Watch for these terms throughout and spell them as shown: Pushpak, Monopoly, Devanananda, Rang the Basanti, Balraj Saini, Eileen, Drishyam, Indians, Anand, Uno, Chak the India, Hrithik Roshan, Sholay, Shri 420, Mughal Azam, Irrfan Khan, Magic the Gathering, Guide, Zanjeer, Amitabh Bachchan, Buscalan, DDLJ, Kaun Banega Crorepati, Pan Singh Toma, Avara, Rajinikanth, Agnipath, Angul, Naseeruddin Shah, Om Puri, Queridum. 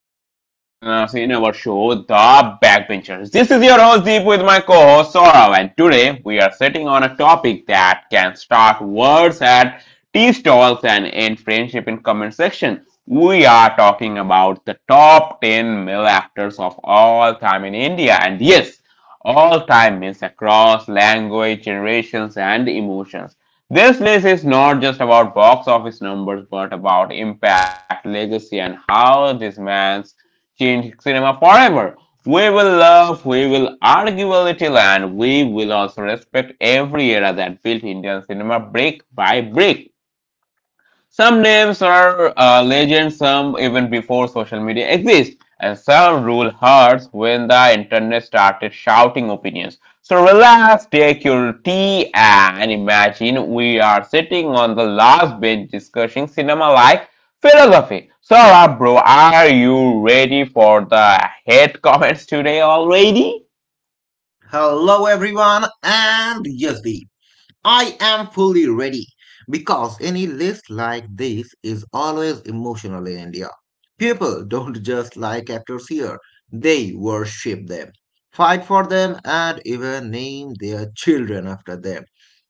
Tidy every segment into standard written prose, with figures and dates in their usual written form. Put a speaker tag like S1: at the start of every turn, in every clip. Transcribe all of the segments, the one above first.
S1: to all our listeners in our show, The Backbenchers. This is your host Deep with my co-host Saurav, and today we are sitting on a topic that can start wars at tea stalls and end friendship in comment section. We are talking about the top 10 male actors of all time in India, and yes, all time means across language, generations, and emotions. This list is not just about box office numbers, but about impact, legacy, and how this man's changed cinema forever. We will love, we will argue a little, and we will also respect every era that built Indian cinema brick by brick. Some names are legends, some even before social media exists, and some ruled hearts when the internet started shouting opinions. So relax, take your tea, and imagine we are sitting on the last bench discussing cinema like philosophy. So, bro, are you ready for the hate comments today already?
S2: Hello everyone and yes Deep. I am fully ready because any list like this is always emotional in India. People don't just like actors here, they worship them, fight for them and even name their children after them.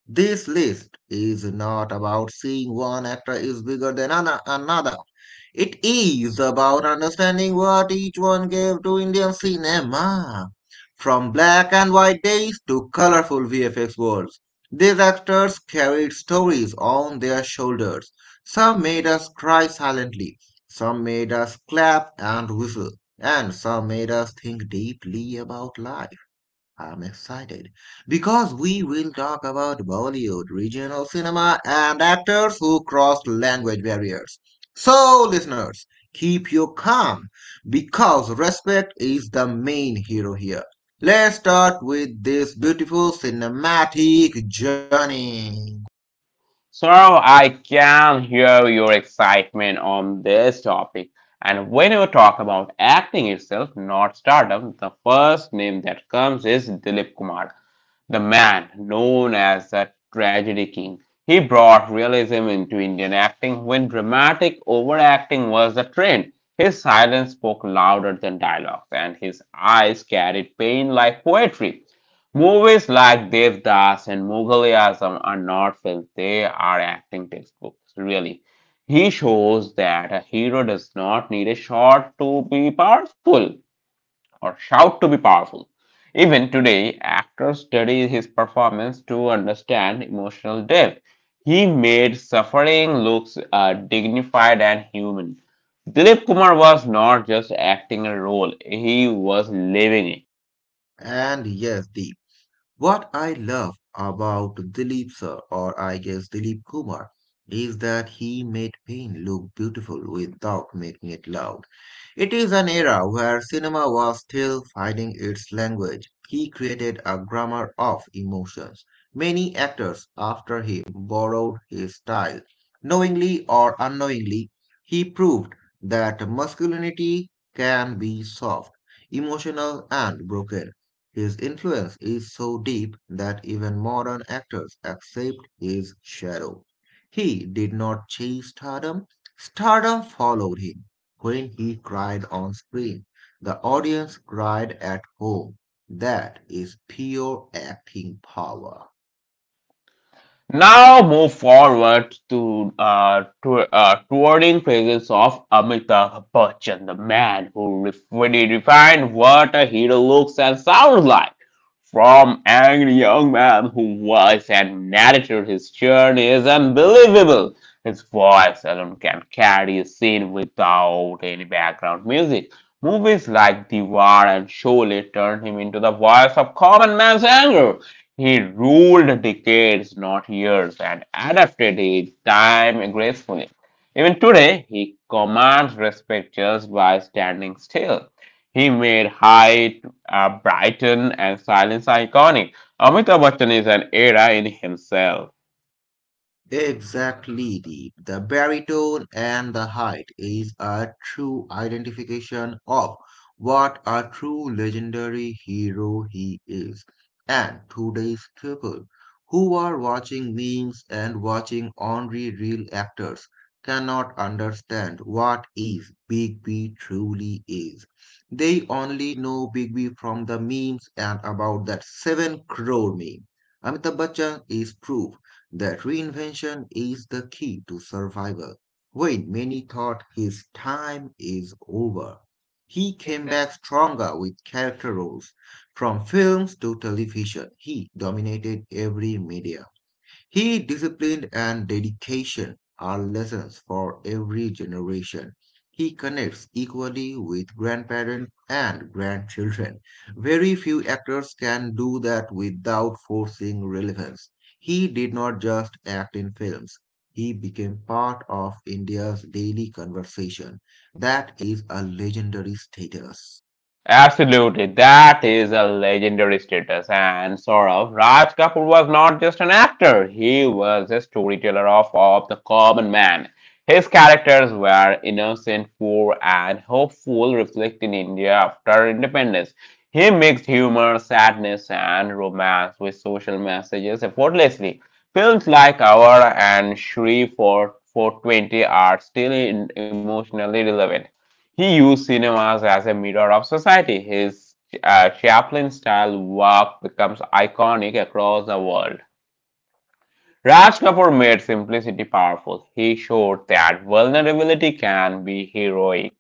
S2: This list is not about seeing one actor is bigger than another. It is about understanding what each one gave to Indian cinema. From black and white days to colorful VFX worlds, these actors carried stories on their shoulders. Some made us cry silently, some made us clap and whistle, and some made us think deeply about life. I'm excited because we will talk about Bollywood, regional cinema, and actors who crossed language barriers. So, listeners, keep you calm because respect is the main hero here. Let's start with this beautiful cinematic journey.
S1: So I can hear your excitement on this topic. And when you talk about acting itself, not stardom, the first name that comes is Dilip Kumar. The man known as the Tragedy King, he brought realism into Indian acting when dramatic overacting was the trend. His silence spoke louder than dialogues, and his eyes carried pain like poetry. Movies like Devdas and Mughal Azam are not films, they are acting textbooks, really. He shows that a hero does not need a shot to be powerful or shout to be powerful. Even today, actors study his performance to understand emotional depth. He made suffering look dignified and human. Dilip Kumar was not just acting a role, he was living it.
S2: And yes, Deep. What I love about Dilip sir, or I guess Dilip Kumar, is that he made pain look beautiful without making it loud. It is an era where cinema was still finding its language. He created a grammar of emotions. Many actors after him borrowed his style. Knowingly or unknowingly, he proved that masculinity can be soft, emotional, and broken. His influence is so deep that even modern actors accept his shadow. He did not chase stardom, stardom followed him. When he cried on screen, the audience cried at home. That is pure acting power.
S1: Now move forward to touring presence of Amitabh Bachchan, the man who really defined what a hero looks and sounds like. From angry young man who was and narrated his journey is unbelievable. His voice alone can carry a scene without any background music. Movies like Diwar and Sholay turned him into the voice of common man's anger, he ruled decades, not years, and adapted his time gracefully. Even today, he commands respect just by standing still. He made height brighten and silence iconic. Amitabh Bachchan is an era in himself.
S2: Exactly, Deep. The baritone and the height is a true identification of what a true legendary hero he is. And today's people who are watching memes and watching only real actors cannot understand what is Big B truly is. They only know Big B from the memes and about that 7 crore meme. Amitabh Bachchan is proof that reinvention is the key to survival. When many thought his time is over, he came back stronger with character roles. From films to television, he dominated every media. He discipline and dedication are lessons for every generation. He connects equally with grandparents and grandchildren. Very few actors can do that without forcing relevance. He did not just act in films. He became part of India's daily conversation. That is a legendary status.
S1: Absolutely, that is a legendary status. And sort of, Raj Kapoor was not just an actor; he was a storyteller of the common man. His characters were innocent, poor, and hopeful, reflecting India after independence. He mixed humor, sadness, and romance with social messages effortlessly. Films like Our and Shri for 20 are still emotionally relevant. He used cinemas as a mirror of society. His Chaplin style work becomes iconic across the world. Raj Kapoor made simplicity powerful. He showed that vulnerability can be heroic.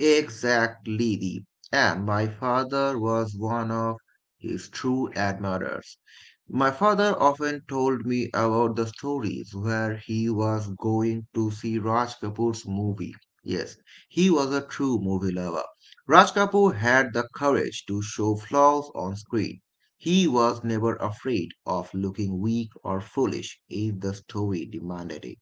S2: Exactly, Deep. And my father was one of his true admirers. My father often told me about the stories where he was going to see Raj Kapoor's movie. Yes, he was a true movie lover. Raj Kapoor had the courage to show flaws on screen. He was never afraid of looking weak or foolish if the story demanded it.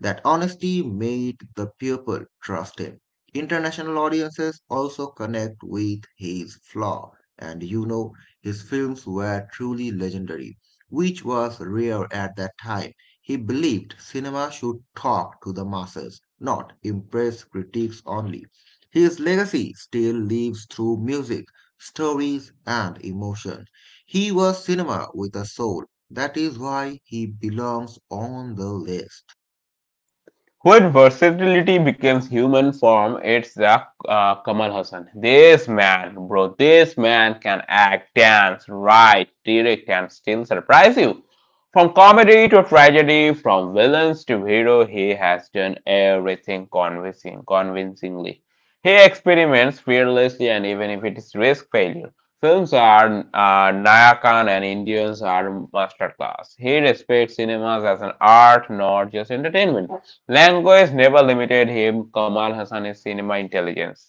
S2: That honesty made the people trust him. International audiences also connect with his flaw, and his films were truly legendary, which was rare at that time. He believed cinema should talk to the masses, not impress critics only. His legacy still lives through music, stories, and emotion. He was cinema with a soul. That is why he belongs on the list.
S1: When versatility becomes human form? It's the Kamal Hassan. This man, bro, this man can act, dance, write, direct, and still surprise you. From comedy to tragedy, from villains to hero, he has done everything convincingly. He experiments fearlessly, and even if it is risk failure, films are Naya Khan and Indians are masterclass. He respects cinemas as an art, not just entertainment. Language never limited him, Kamal Hassan's cinema intelligence.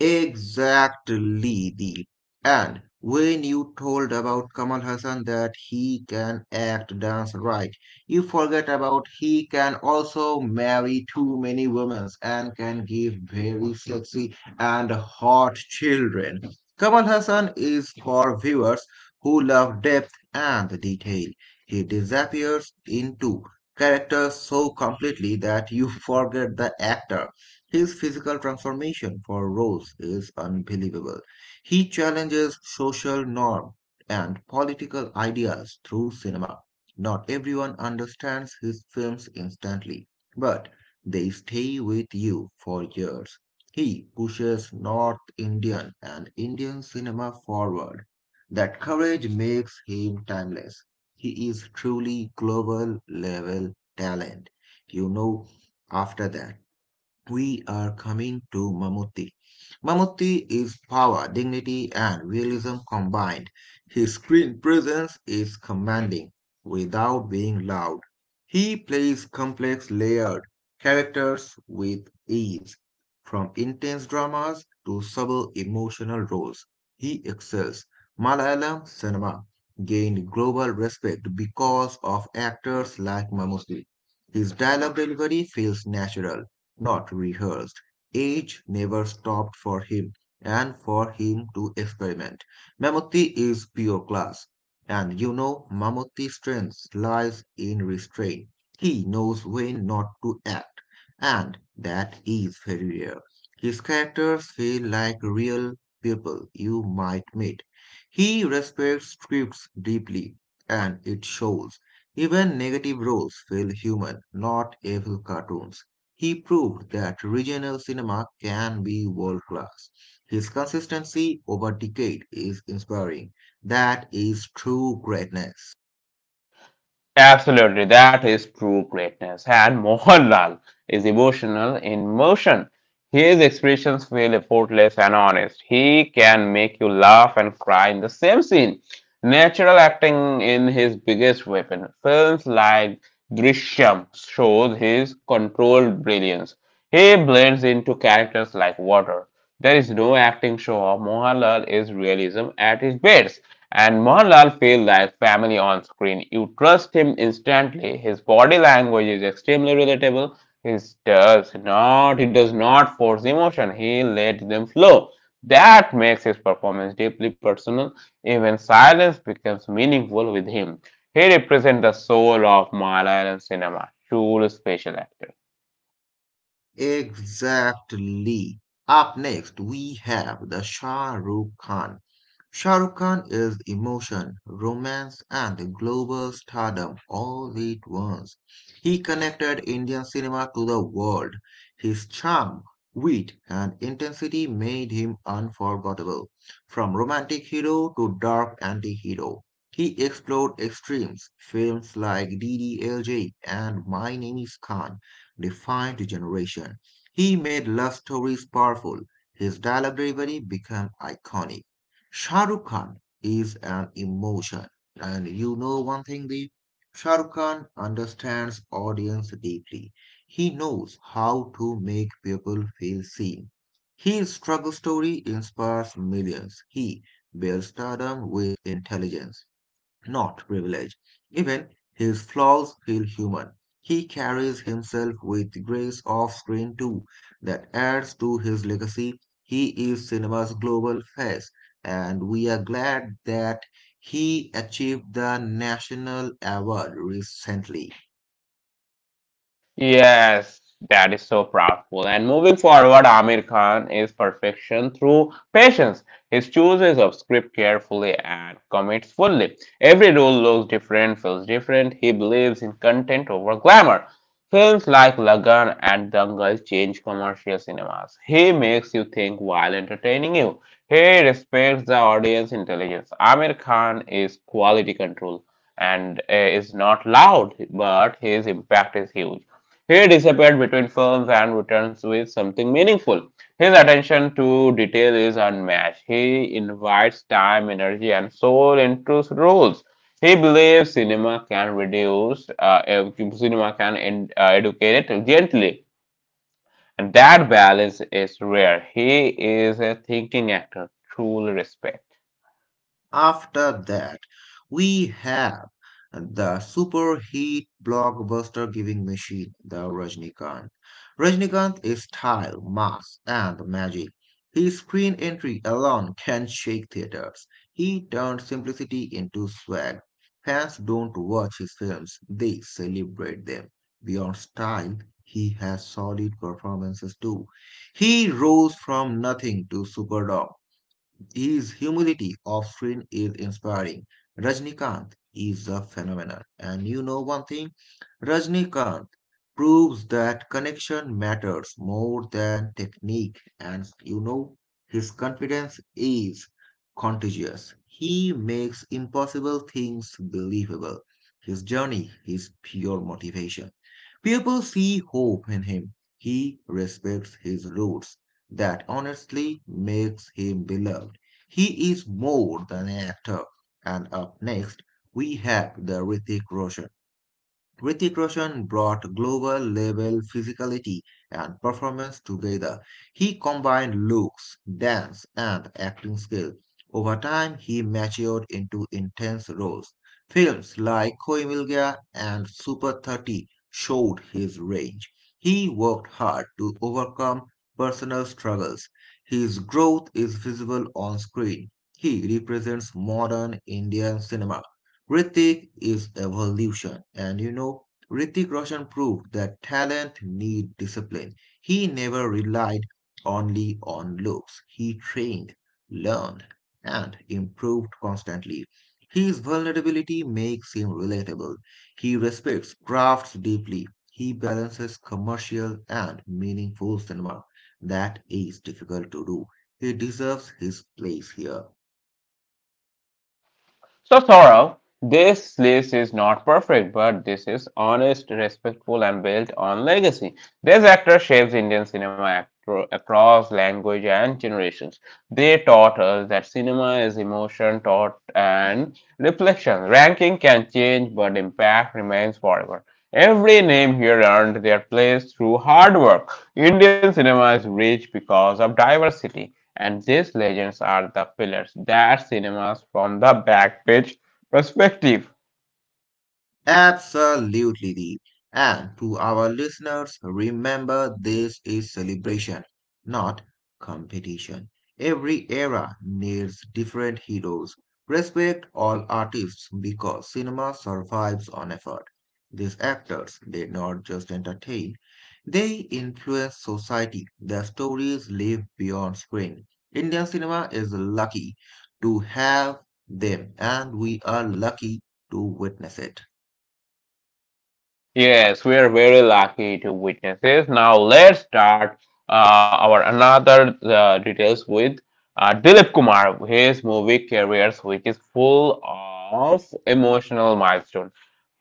S2: Exactly, Deep. And when you told about Kamal Hassan that he can act, dance, right, you forget about he can also marry too many women and can give very sexy and hot children. Kamal Hassan is for viewers who love depth and detail. He disappears into characters so completely that you forget the actor. His physical transformation for Rose is unbelievable. He challenges social norms and political ideas through cinema. Not everyone understands his films instantly, but they stay with you for years. He pushes North Indian and Indian cinema forward. That courage makes him timeless. He is truly global level talent. You know, After that we are coming to Mammootty. Mammootty is power, dignity, and realism combined. His screen presence is commanding without being loud. He plays complex, layered characters with ease, from intense dramas to subtle emotional roles. He excels. Malayalam cinema gained global respect because of actors like Mammootty. His dialogue delivery feels natural not rehearsed. Age never stopped for him and for him to experiment. Mammootty is pure class. And Mammootty's strength lies in restraint. He knows when not to act, and that is very rare. His characters feel like real people you might meet. He respects scripts deeply, and it shows. Even negative roles feel human, not evil cartoons. He proved that regional cinema can be world class. His consistency over decade is inspiring. That is true greatness.
S1: Absolutely, that is true greatness. And Mohanlal is emotional in motion. His expressions feel effortless and honest. He can make you laugh and cry in the same scene. Natural acting in his biggest weapon. Films like Drishyam shows his controlled brilliance. He blends into characters like water. There is no acting show off. Mohanlal is realism at his best. And Mohanlal feels like family on screen. You trust him instantly. His body language is extremely relatable. He he does not force emotion. He lets them flow. That makes his performance deeply personal. Even silence becomes meaningful with him. He represents the soul of Malayalam cinema, true special actor.
S2: Exactly. Up next, we have the Shah Rukh Khan. Shah Rukh Khan is emotion, romance, and global stardom all at once. He connected Indian cinema to the world. His charm, wit, and intensity made him unforgettable. From romantic hero to dark anti-hero, he explored extremes. Films like DDLJ and My Name is Khan defined generation. He made love stories powerful. His dialogue delivery became iconic. Shah Rukh Khan is an emotion. And you know one thing, the Shah Rukh Khan understands audience deeply. He knows how to make people feel seen. His struggle story inspires millions. He builds stardom with intelligence not privilege. Even his flaws feel human. He carries himself with grace off screen too, that adds to his legacy. He is cinema's global face, and we are glad that he achieved the national award recently.
S1: Yes, that is so powerful. And moving forward, Amir Khan is perfection through patience. He chooses of script carefully and commits fully. Every role looks different, feels different. He believes in content over glamour. Films like Lagan and Dangal change commercial cinemas. He makes you think while entertaining you. He respects the audience intelligence. Amir Khan is quality control and is not loud, but his impact is huge. He disappeared between films and returns with something meaningful. His attention to detail is unmatched. He invites time, energy, and soul into roles. He believes cinema can reduce, ev- cinema can en- educate it gently. And that balance is rare. He is a thinking actor, truly respect.
S2: After that, we have the super heat blockbuster giving machine, the Rajnikant. Rajnikant is style, mass, and magic. His screen entry alone can shake theaters. He turned simplicity into swag. Fans don't watch his films, they celebrate them. Beyond style, he has solid performances too. He rose from nothing to superdog. His humility of Frin is inspiring. Rajnikant is a phenomenon. And you know one thing? Rajnikant proves that connection matters more than technique. And his confidence is contagious. He makes impossible things believable. His journey is pure motivation. People see hope in him. He respects his roots. That honestly makes him beloved. He is more than an actor. And up next, we have the Hrithik Roshan. Hrithik Roshan brought global level physicality and performance together. He combined looks, dance, and acting skill. Over time, he matured into intense roles. Films like Koi Mil Gaya and Super 30 showed his range. He worked hard to overcome personal struggles. His growth is visible on screen. He represents modern Indian cinema Ritik is evolution. And Ritik Roshan proved that talent need discipline. He never relied only on looks. He trained, learned, and improved constantly. His vulnerability makes him relatable. He respects crafts deeply. He balances commercial and meaningful cinema. That is difficult to do. He deserves his place here.
S1: So, Sorrow, this list is not perfect, but this is honest, respectful, and built on legacy. This actor shapes Indian cinema across language and generations. They taught us that cinema is emotion, thought, and reflection. Ranking can change, but impact remains forever. Every name here earned their place through hard work. Indian cinema is rich because of diversity and these legends are the pillars that cinemas from the backstage perspective.
S2: Absolutely, Deep. And to our listeners, remember this is celebration, not competition. Every era needs different heroes. Respect all artists because cinema survives on effort. These actors, they not just entertain, they influence society. Their stories live beyond screen. Indian cinema is lucky to have them, and we are lucky to witness it.
S1: Yes, we are very lucky to witness this. Now let's start our another details with Dilip Kumar, his movie careers, which is full of emotional milestone.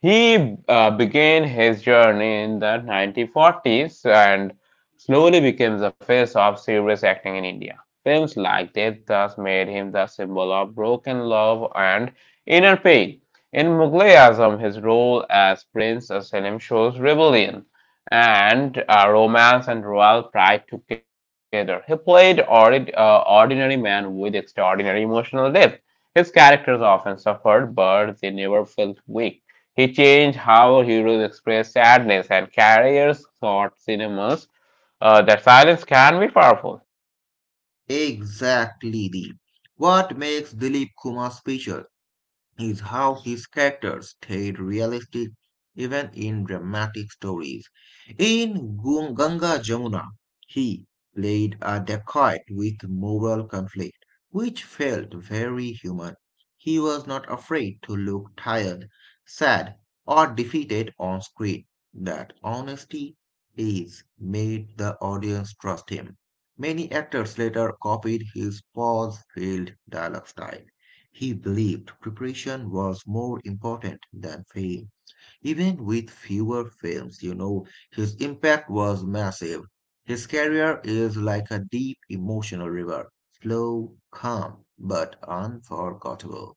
S1: He began his journey in the 1940s and slowly became the face of serious acting in India. Films like this thus made him the symbol of broken love and inner pain. In Mughal Azam, his role as Prince Salem shows rebellion and romance and royal pride together. He played ordinary man with extraordinary emotional depth. His characters often suffered, but they never felt weak. He changed how heroes express sadness and carriers thought cinemas that silence can be powerful.
S2: Exactly, Deep. What makes Dilip Kumar special? Is how his characters stayed realistic even in dramatic stories. In Ganga Jamuna, he played a dacoit with moral conflict, which felt very human. He was not afraid to look tired, sad, or defeated on screen. That honesty is made the audience trust him. Many actors later copied his pause-filled dialogue style. He believed preparation was more important than fame. Even with fewer films, his impact was massive. His career is like a deep emotional river, slow, calm, but unforgettable.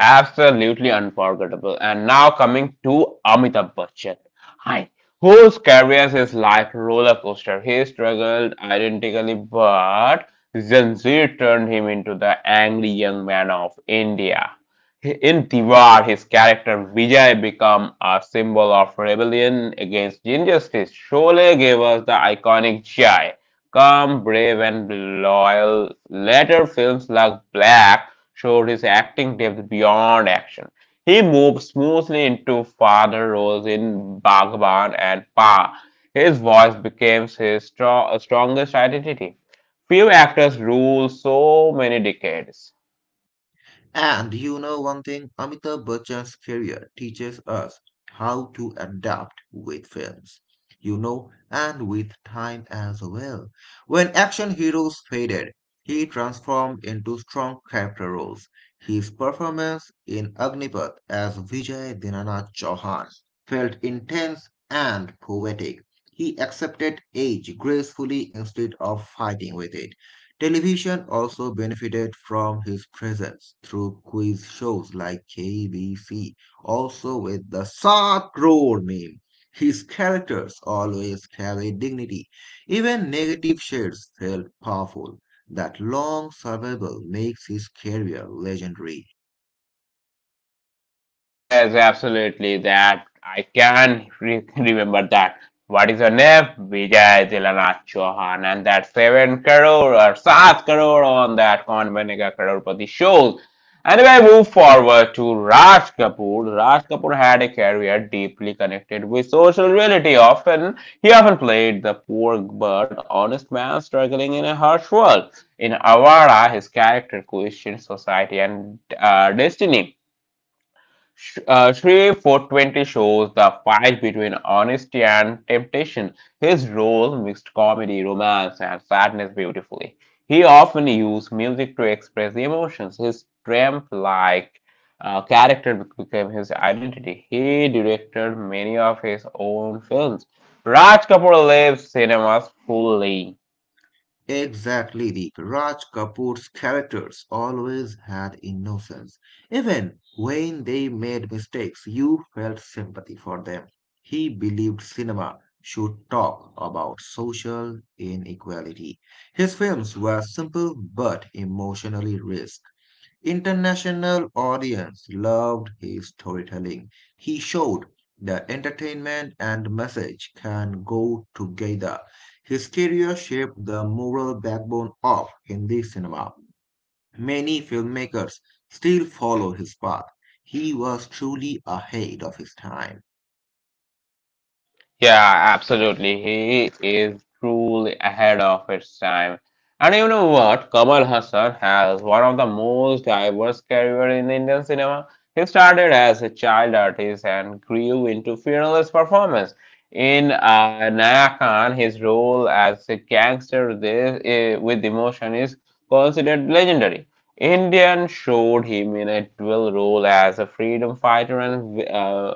S1: Absolutely unforgettable. And now coming to Amitabh Bachchan. Hi. Whose career is like roller coaster. He struggled identically, but Zanjeer turned him into the angry young man of India. In Tiwar, his character Vijay became a symbol of rebellion against injustice. Sholay gave us the iconic Jai, calm, brave, and loyal, later films like Black showed his acting depth beyond action. He moved smoothly into father roles in Bhagwan and Pa. His voice became his strongest identity. Few actors rule so many decades.
S2: And you know one thing, Amitabh Bachchan's career teaches us how to adapt with films, and with time as well. When action heroes faded, he transformed into strong character roles. His performance in Agnipath as Vijay Dinanath Chauhan felt intense and poetic. He accepted age gracefully instead of fighting with it. Television also benefited from his presence through quiz shows like KBC, also with the Sat Crore meme. His characters always carried dignity. Even negative shades felt powerful. That long survival makes his career legendary.
S1: Yes, absolutely. That I can remember that. What is her name? Vijay Dilanath Chauhan, and that 7 crore or 7 crore on that Kaun Banega Crorepati shows. And we move forward to Raj Kapoor. Raj Kapoor had a career deeply connected with social reality. He often played the poor but honest man struggling in a harsh world. In Avara, his character questioned society and destiny. Shri 420 shows the fight between honesty and temptation. His role mixed comedy, romance, and sadness beautifully. He often used music to express emotions. His tramp-like character became his identity. He directed many of his own films. Raj Kapoor lives cinemas fully.
S2: Exactly, Deep. Raj Kapoor's characters always had innocence. Even when they made mistakes, you felt sympathy for them. He believed cinema should talk about social inequality. His films were simple but emotionally rich. International audience loved his storytelling. He showed that entertainment and message can go together. His career shaped the moral backbone of Hindi cinema. Many filmmakers still follow his path. He was truly ahead of his time.
S1: Yeah, absolutely. He is truly ahead of its time. And you know what? Kamal Hassan has one of the most diverse career in Indian cinema. He started as a child artist and grew into fearless performance. In Naya Khan, his role as a gangster there, with emotion is considered legendary. Indian showed him in a dual role as a freedom fighter and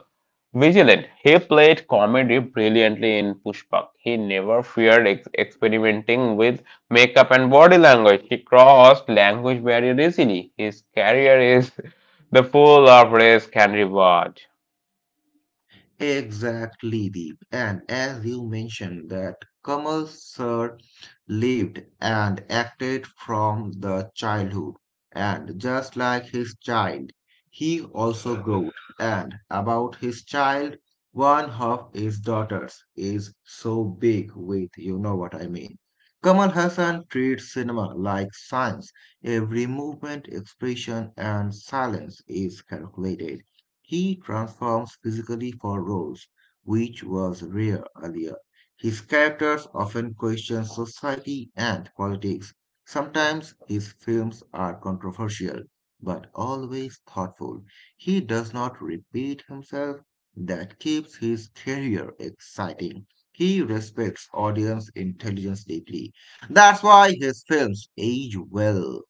S1: Vigilant. He played comedy brilliantly in Pushpak. He never feared experimenting with makeup and body language. He crossed language barrier easily. His career is the full of risk and reward.
S2: Exactly, Deep. And as you mentioned, that Kamal Sir lived and acted from the childhood, and just like his child, he also grew. And about his child, one of his daughters is so big with, you know what I mean. Kamal Hassan treats cinema like science. Every movement, expression, and silence is calculated. He transforms physically for roles, which was rare earlier. His characters often question society and politics. Sometimes his films are controversial, but always thoughtful. He does not repeat himself. That keeps his career exciting. He respects audience intelligence deeply. That's why his films age well.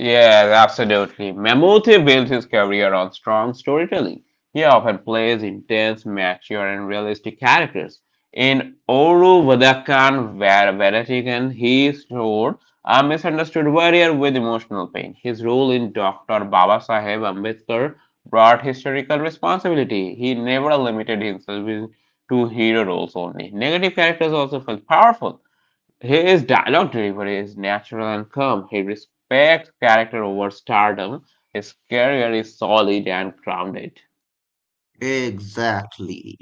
S1: Yes, absolutely. Mammoth built his career on strong storytelling. He often plays intense, mature, and realistic characters. In Oru Vadakkan Varatigan, he showed a misunderstood warrior with emotional pain. His role in Dr. Baba Sahib Ambedkar brought historical responsibility. He never limited himself to hero roles only. Negative characters also felt powerful. His dialogue delivery is natural and calm. He respects character over stardom. His career is solid and grounded.
S2: Exactly.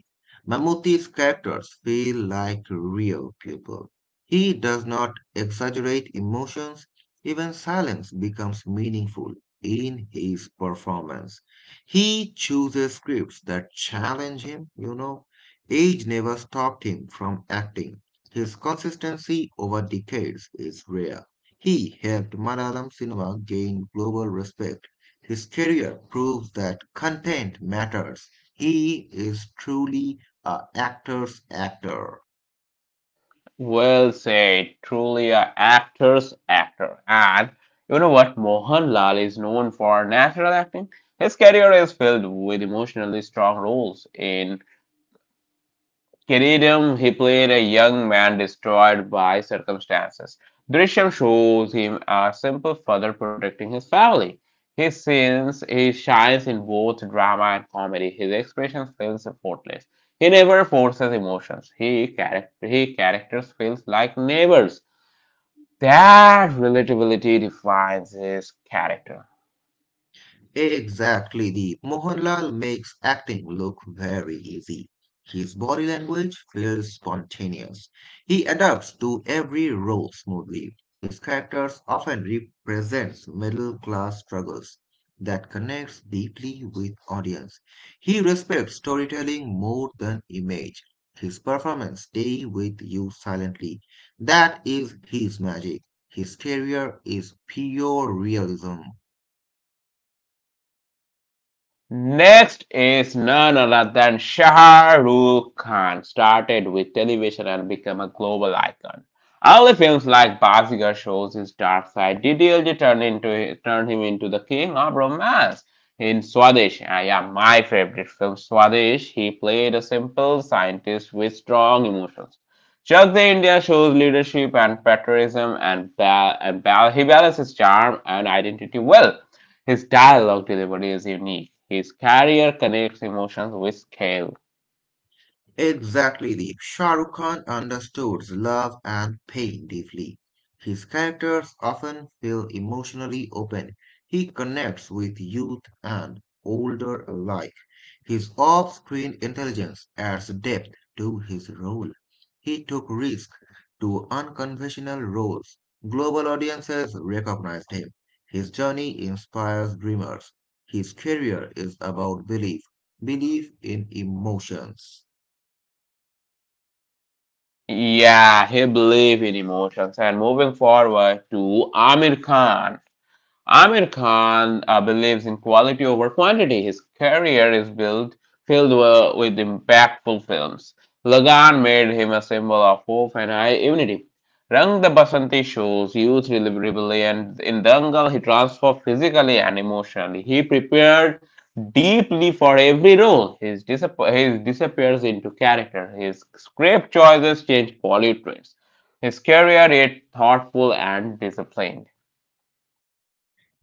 S2: Mammootty's characters feel like real people. He does not exaggerate emotions, even silence becomes meaningful in his performance. He chooses scripts that challenge him. Age never stopped him from acting. His consistency over decades is rare. He helped Malayalam cinema gain global respect. His career proves that content matters, he is truly a actor's actor.
S1: Well said, truly a actor's actor. And you know what? Mohanlal is known for natural acting. His career is filled with emotionally strong roles in Queridum, he played a young man destroyed by circumstances. Drishyam shows him a simple father protecting his family. He shines in both drama and comedy. His expression feels effortless. He never forces emotions. He characters feels like neighbors. That relatability defines his character.
S2: Exactly, the Mohanlal makes acting look very easy. His body language feels spontaneous. He adapts to every role smoothly. His characters often represents middle class struggles that connects deeply with audience. He respects storytelling more than image. His performance stay with you silently. That is his magic. His career is pure realism.
S1: Next is none other than Shah Rukh Khan, started with television and became a global icon. Early films like Bazigar shows his dark side, DDLJ turned him into the king of romance. In Swadesh, ah, yeah, my favorite film, Swadesh, he played a simple scientist with strong emotions. Chak the India shows leadership and patriotism and he balances charm and identity well. His dialogue delivery is unique. His career connects emotions with scale.
S2: Exactly, Deep. Shah Rukh Khan understood love and pain deeply. His characters often feel emotionally open. He connects with youth and older alike. His off-screen intelligence adds depth to his role. He took risks to unconventional roles. Global audiences recognized him. His journey inspires dreamers. His career is about belief, belief in emotions.
S1: Yeah, he believes in emotions. And moving forward to Amir Khan, Amir Khan believes in quality over quantity. His career is built filled wi- with impactful films. Lagan made him a symbol of hope and high unity. Rang the Basanti shows youth rebellion. In Dangal, he transformed physically and emotionally. He prepared deeply for every role. His disappears into character. His script choices change Bollywood trends. His career is thoughtful and disciplined.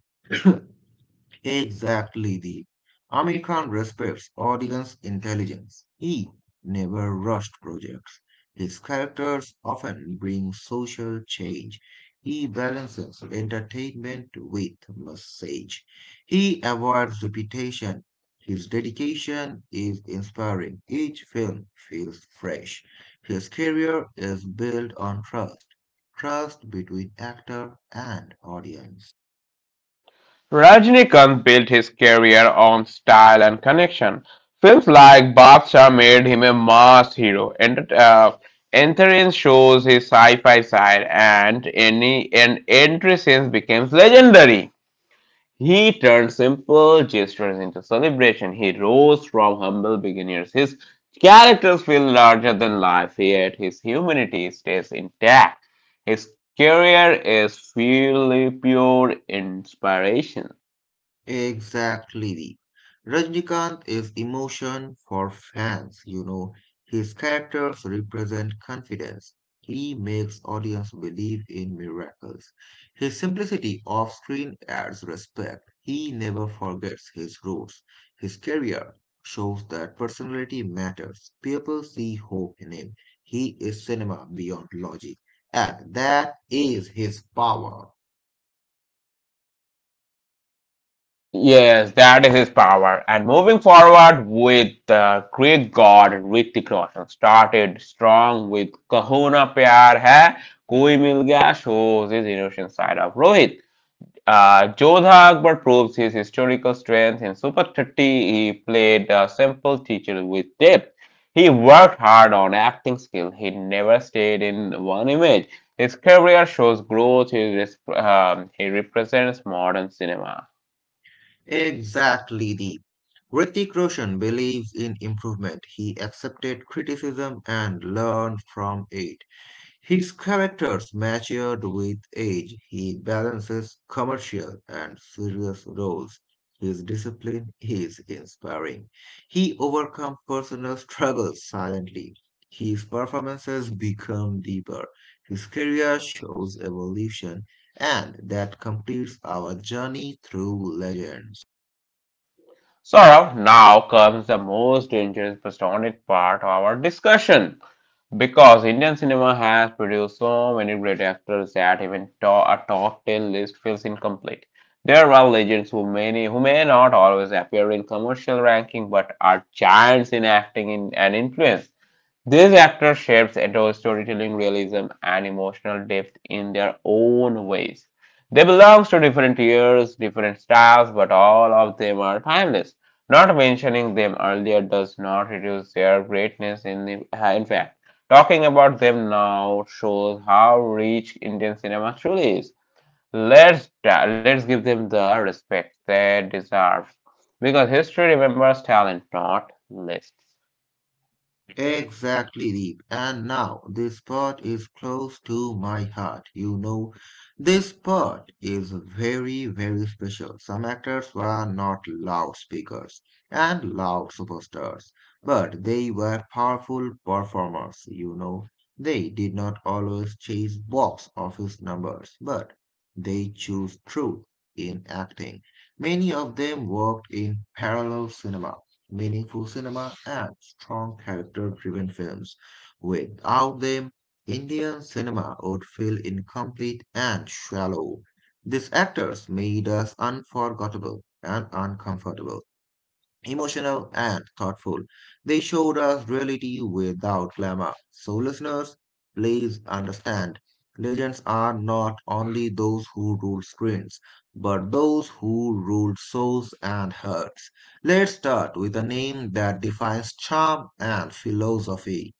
S2: Exactly, the American respects audience intelligence. He never rushed projects. His characters often bring social change. He balances entertainment with message. He avoids repetition. His dedication is inspiring. Each film feels fresh. His career is built on trust, trust between actor and audience.
S1: Rajnikant built his career on style and connection. Films like Badshah made him a mass hero. Entrance shows his sci-fi side, and Entrance becomes legendary. He turned simple gestures into celebration. He rose from humble beginnings. His characters feel larger than life, yet his humanity stays intact. His career is pure inspiration.
S2: Exactly. Rajnikant is emotion for fans. His characters represent confidence. He makes audience believe in miracles. His simplicity off screen adds respect. He never forgets his roots. His career shows that personality matters. People see hope in him. He is cinema beyond logic. And that is his power.
S1: Yes, that is his power. And moving forward with the Greek god Hrithik Roshan started strong with Kahuna Pyar Hai, Koi Mil Gaya shows his innocent side of Rohit. Jodha Akbar proves his historical strength. In Super 30, he played a simple teacher with depth. He worked hard on acting skill. He never stayed in one image. His career shows growth. He represents modern cinema.
S2: Exactly, the Hrithik Roshan believes in improvement. He accepted criticism and learned from it. His characters matured with age. He balances commercial and serious roles. His discipline is inspiring. He overcomes personal struggles silently. His performances become deeper. His career shows evolution, and that completes our journey through legends.
S1: Saurav, now comes the most dangerous postonic part of our discussion because Indian cinema has produced so many great actors that even a top 10 list feels incomplete. There are legends who many who may not always appear in commercial ranking but are giants in acting in, and influence. These actors shapes adore storytelling realism and emotional depth in their own ways. They belong to different years, different styles, but all of them are timeless. Not mentioning them earlier does not reduce their greatness in, in fact. Talking about them now shows how rich Indian cinema truly is. Let's, let's give them the respect they deserve. Because history remembers talent, not lists.
S2: Exactly, Deep. And now this part is close to my heart. You know, this part is very, very special. Some actors were not loudspeakers and loud superstars, but they were powerful performers. You know, they did not always chase box office numbers, but they chose truth in acting. Many of them worked in parallel cinema, meaningful cinema, and strong character driven films. Without them, Indian cinema would feel incomplete and shallow. These actors made us unforgettable and uncomfortable, emotional and thoughtful. They showed us reality without glamour. So, listeners, please understand, legends are not only those who rule screens, but those who rule souls and hearts. Let's start with a name that defines charm and philosophy.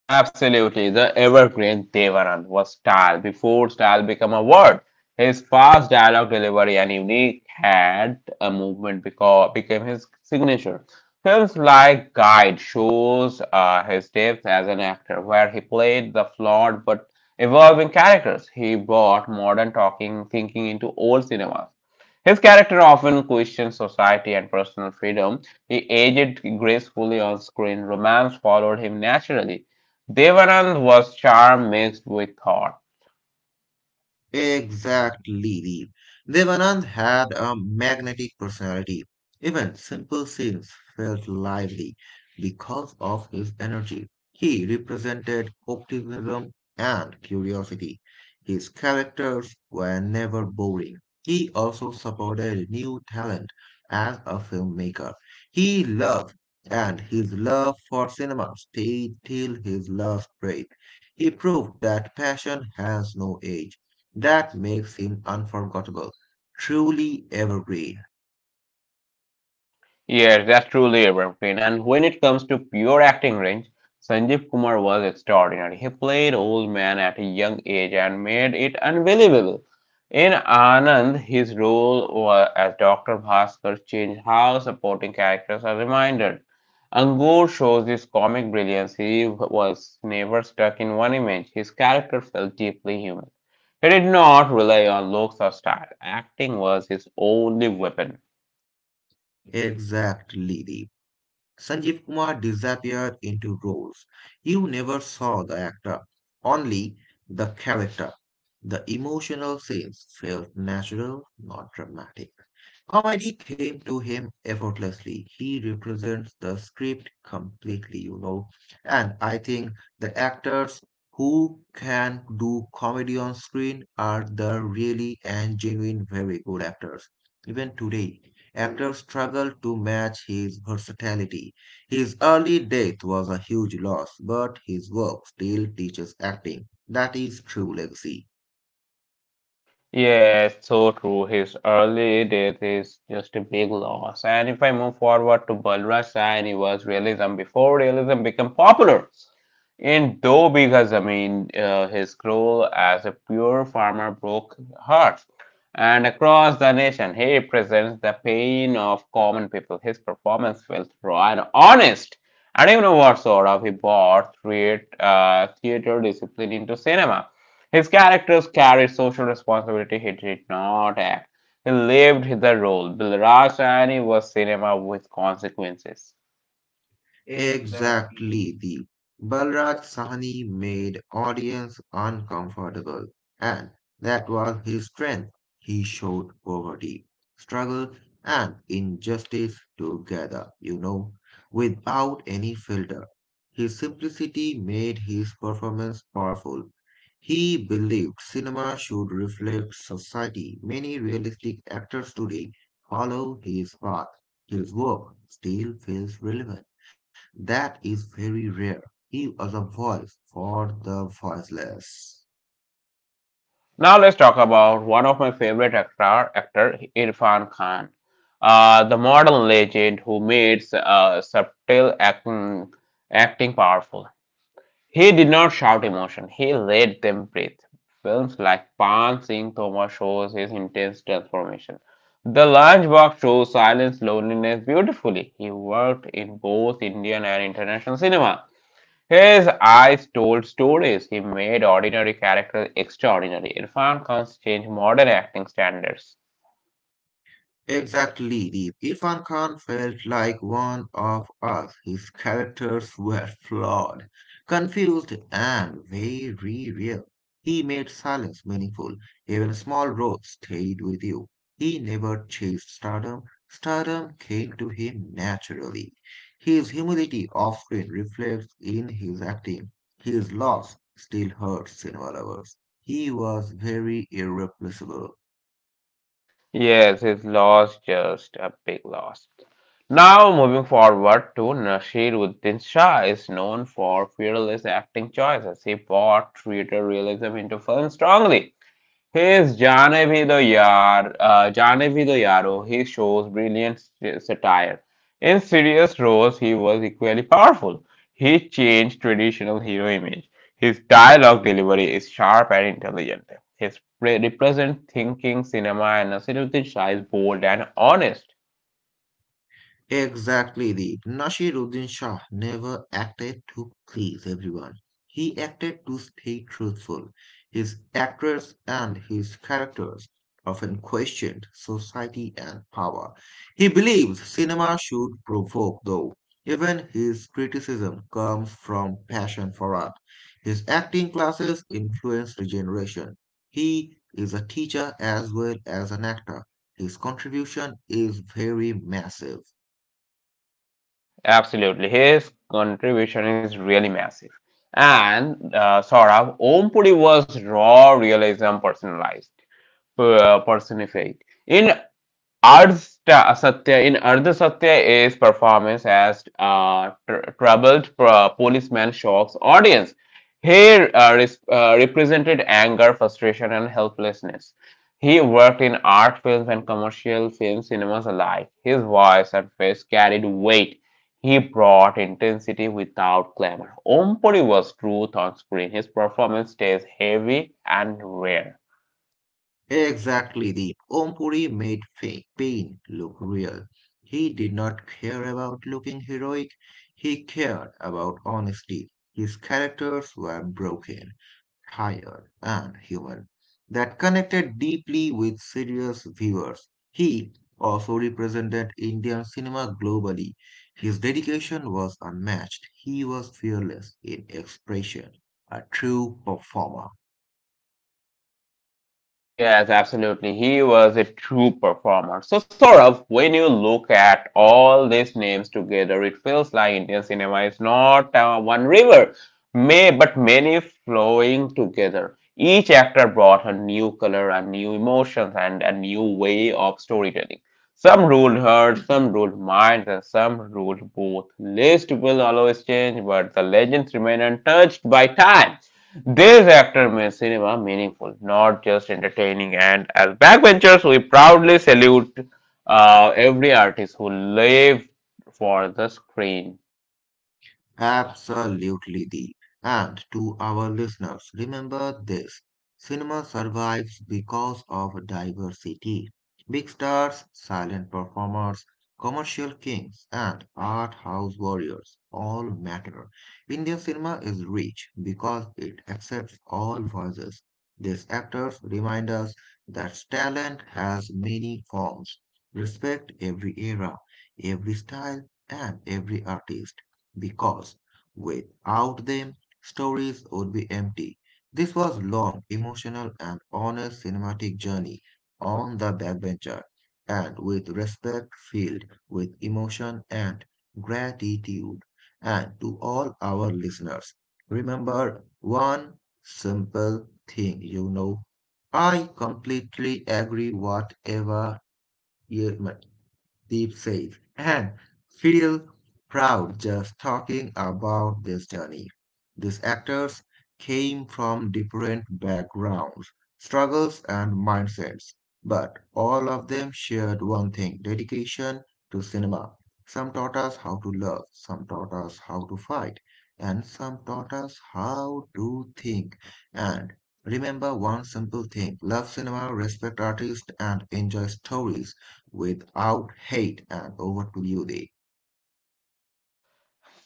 S1: Absolutely, the evergreen Devanan was style before style became a word. His fast dialogue delivery and unique had a movement because became his signature. Films like Guide shows his depth as an actor, where he played the flawed but evolving characters. He brought modern talking thinking into old cinemas. His character often questioned society and personal freedom. He aged gracefully on screen. Romance followed him naturally. Devanand was charm mixed with thought.
S2: Exactly. Devanand had a magnetic personality. Even simple scenes felt lively because of his energy. He represented optimism and curiosity. His characters were never boring. He also supported new talent as a filmmaker. He loved, and his love for cinema stayed till his last breath. He proved that passion has no age, that makes him unforgettable, truly evergreen.
S1: Yes, that's truly a evergreen. And when it comes to pure acting range, Sanjeev Kumar was extraordinary. He played old man at a young age and made it unbelievable. In Anand, his role as Dr. Bhaskar changed how supporting characters are reminded. Angul shows his comic brilliance. He was never stuck in one image. His character felt deeply human. He did not rely on looks or style. Acting was his only weapon.
S2: Exactly. Deep. Sanjeev Kumar disappeared into roles. You never saw the actor, only the character. The emotional scenes felt natural, not dramatic. Comedy came to him effortlessly. He represents the script completely. And I think the actors who can do comedy on screen are the really and genuine very good actors. Even today, actors struggle to match his versatility. His early death was a huge loss, but his work still teaches acting. That is true legacy.
S1: Yes, so true. His early death is just a big loss. And if I move forward to Balraj Saini was realism before realism became popular. In Do Bigha Zameen, his role as a pure farmer broke hearts. And across the nation, he represents the pain of common people. His performance felt raw and honest. And even more sort of, he brought theater discipline into cinema. His characters carried social responsibility; he did not act. He lived the role. Bill Rajani was cinema with consequences.
S2: Exactly, the Balraj Sahni made audience uncomfortable, and that was his strength. He showed poverty, struggle, and injustice together, you know, without any filter. His simplicity made his performance powerful. He believed cinema should reflect society. Many realistic actors today follow his path. His work still feels relevant. That is very rare. He was a voice for the voiceless.
S1: Now let's talk about one of my favorite actor Irfan Khan, the modern legend who made acting powerful. He did not shout emotion, he let them breathe. Films like Pan Singh Toma shows his intense transformation. The Lunchbox shows silence loneliness beautifully. He worked in both Indian and international cinema. His eyes told stories. He made ordinary characters extraordinary. Irfan Khan's changed modern acting standards.
S2: Exactly, Deep. Irfan Khan felt like one of us. His characters were flawed, confused, and very real. He made silence meaningful. Even small roles stayed with you. He never chased stardom. Stardom came to him naturally. His humility often reflects in his acting. His loss still hurts in our lovers. He was very irreplaceable.
S1: Yes, his loss just a big loss. Now, moving forward to Nasiruddin Shah is known for fearless acting choices. He brought theater realism into film strongly. His Jaane Bhi Do Yaaro, he shows brilliant satire. In serious roles, he was equally powerful. He changed traditional hero image. His dialogue delivery is sharp and intelligent. Represent thinking cinema and Nasiruddin Shah is bold and honest.
S2: Exactly, the Nasiruddin Shah never acted to please everyone. He acted to stay truthful. His actors and his characters often questioned society and power. He believes cinema should provoke, though. Even his criticism comes from passion for art. His acting classes influenced the generation. He is a teacher as well as an actor. His contribution is very massive.
S1: Absolutely, his contribution is really massive. And Saurabh, Om Puri was raw realism personified. In in Ardha Satya is performance as policeman shocks audience. Here Represented anger, frustration, and helplessness. He worked in art films and commercial film cinemas alike. His voice and face carried weight. He brought intensity without clamor. Om Puri was truth on screen. His performance stays heavy and rare.
S2: Exactly, the Ompuri made pain look real. He did not care about looking heroic, he cared about honesty. His characters were broken, tired, and human. That connected deeply with serious viewers. He also represented Indian cinema globally. His dedication was unmatched. He was fearless in expression, a true performer.
S1: Yes, absolutely. He was a true performer. So, Saurabh, when you look at all these names together, it feels like Indian cinema is not one river, may but many flowing together. Each actor brought a new color, a new emotions, and a new way of storytelling. Some ruled hearts, some ruled minds, and some ruled both. List will always change, but the legends remain untouched by time. These actors made cinema meaningful, not just entertaining. And as backbenchers, we proudly salute every artist who lived for the screen.
S2: Absolutely, Deep. And to our listeners, remember this, cinema survives because of diversity. Big stars, silent performers, commercial kings, and art house warriors all matter. Indian cinema is rich because it accepts all voices. These actors remind us that talent has many forms. Respect every era, every style, and every artist, because without them, stories would be empty. This was long, emotional, and honest cinematic journey on the backbencher, and with respect filled with emotion and gratitude. And to all our listeners, remember one simple thing, you know. I completely agree whatever you deep safe, and feel proud just talking about this journey. These actors came from different backgrounds, struggles, and mindsets, but all of them shared one thing, dedication to cinema. Some taught us how to love, some taught us how to fight, and some taught us how to think. And remember one simple thing, love cinema, respect artists, and enjoy stories without hate. And over to you, Dave.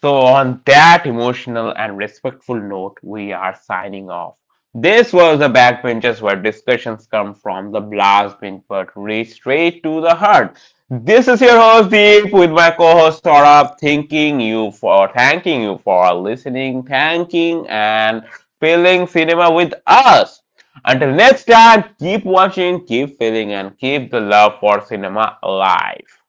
S1: So, on that emotional and respectful note, we are signing off. This was the backbenchers where discussions come from the blast bin but reach straight to the heart. This is your host Deep with my co-host Saurabh. Thanking you for listening, thanking and filling cinema with us. Until next time, keep watching, keep feeling, and keep the love for cinema alive.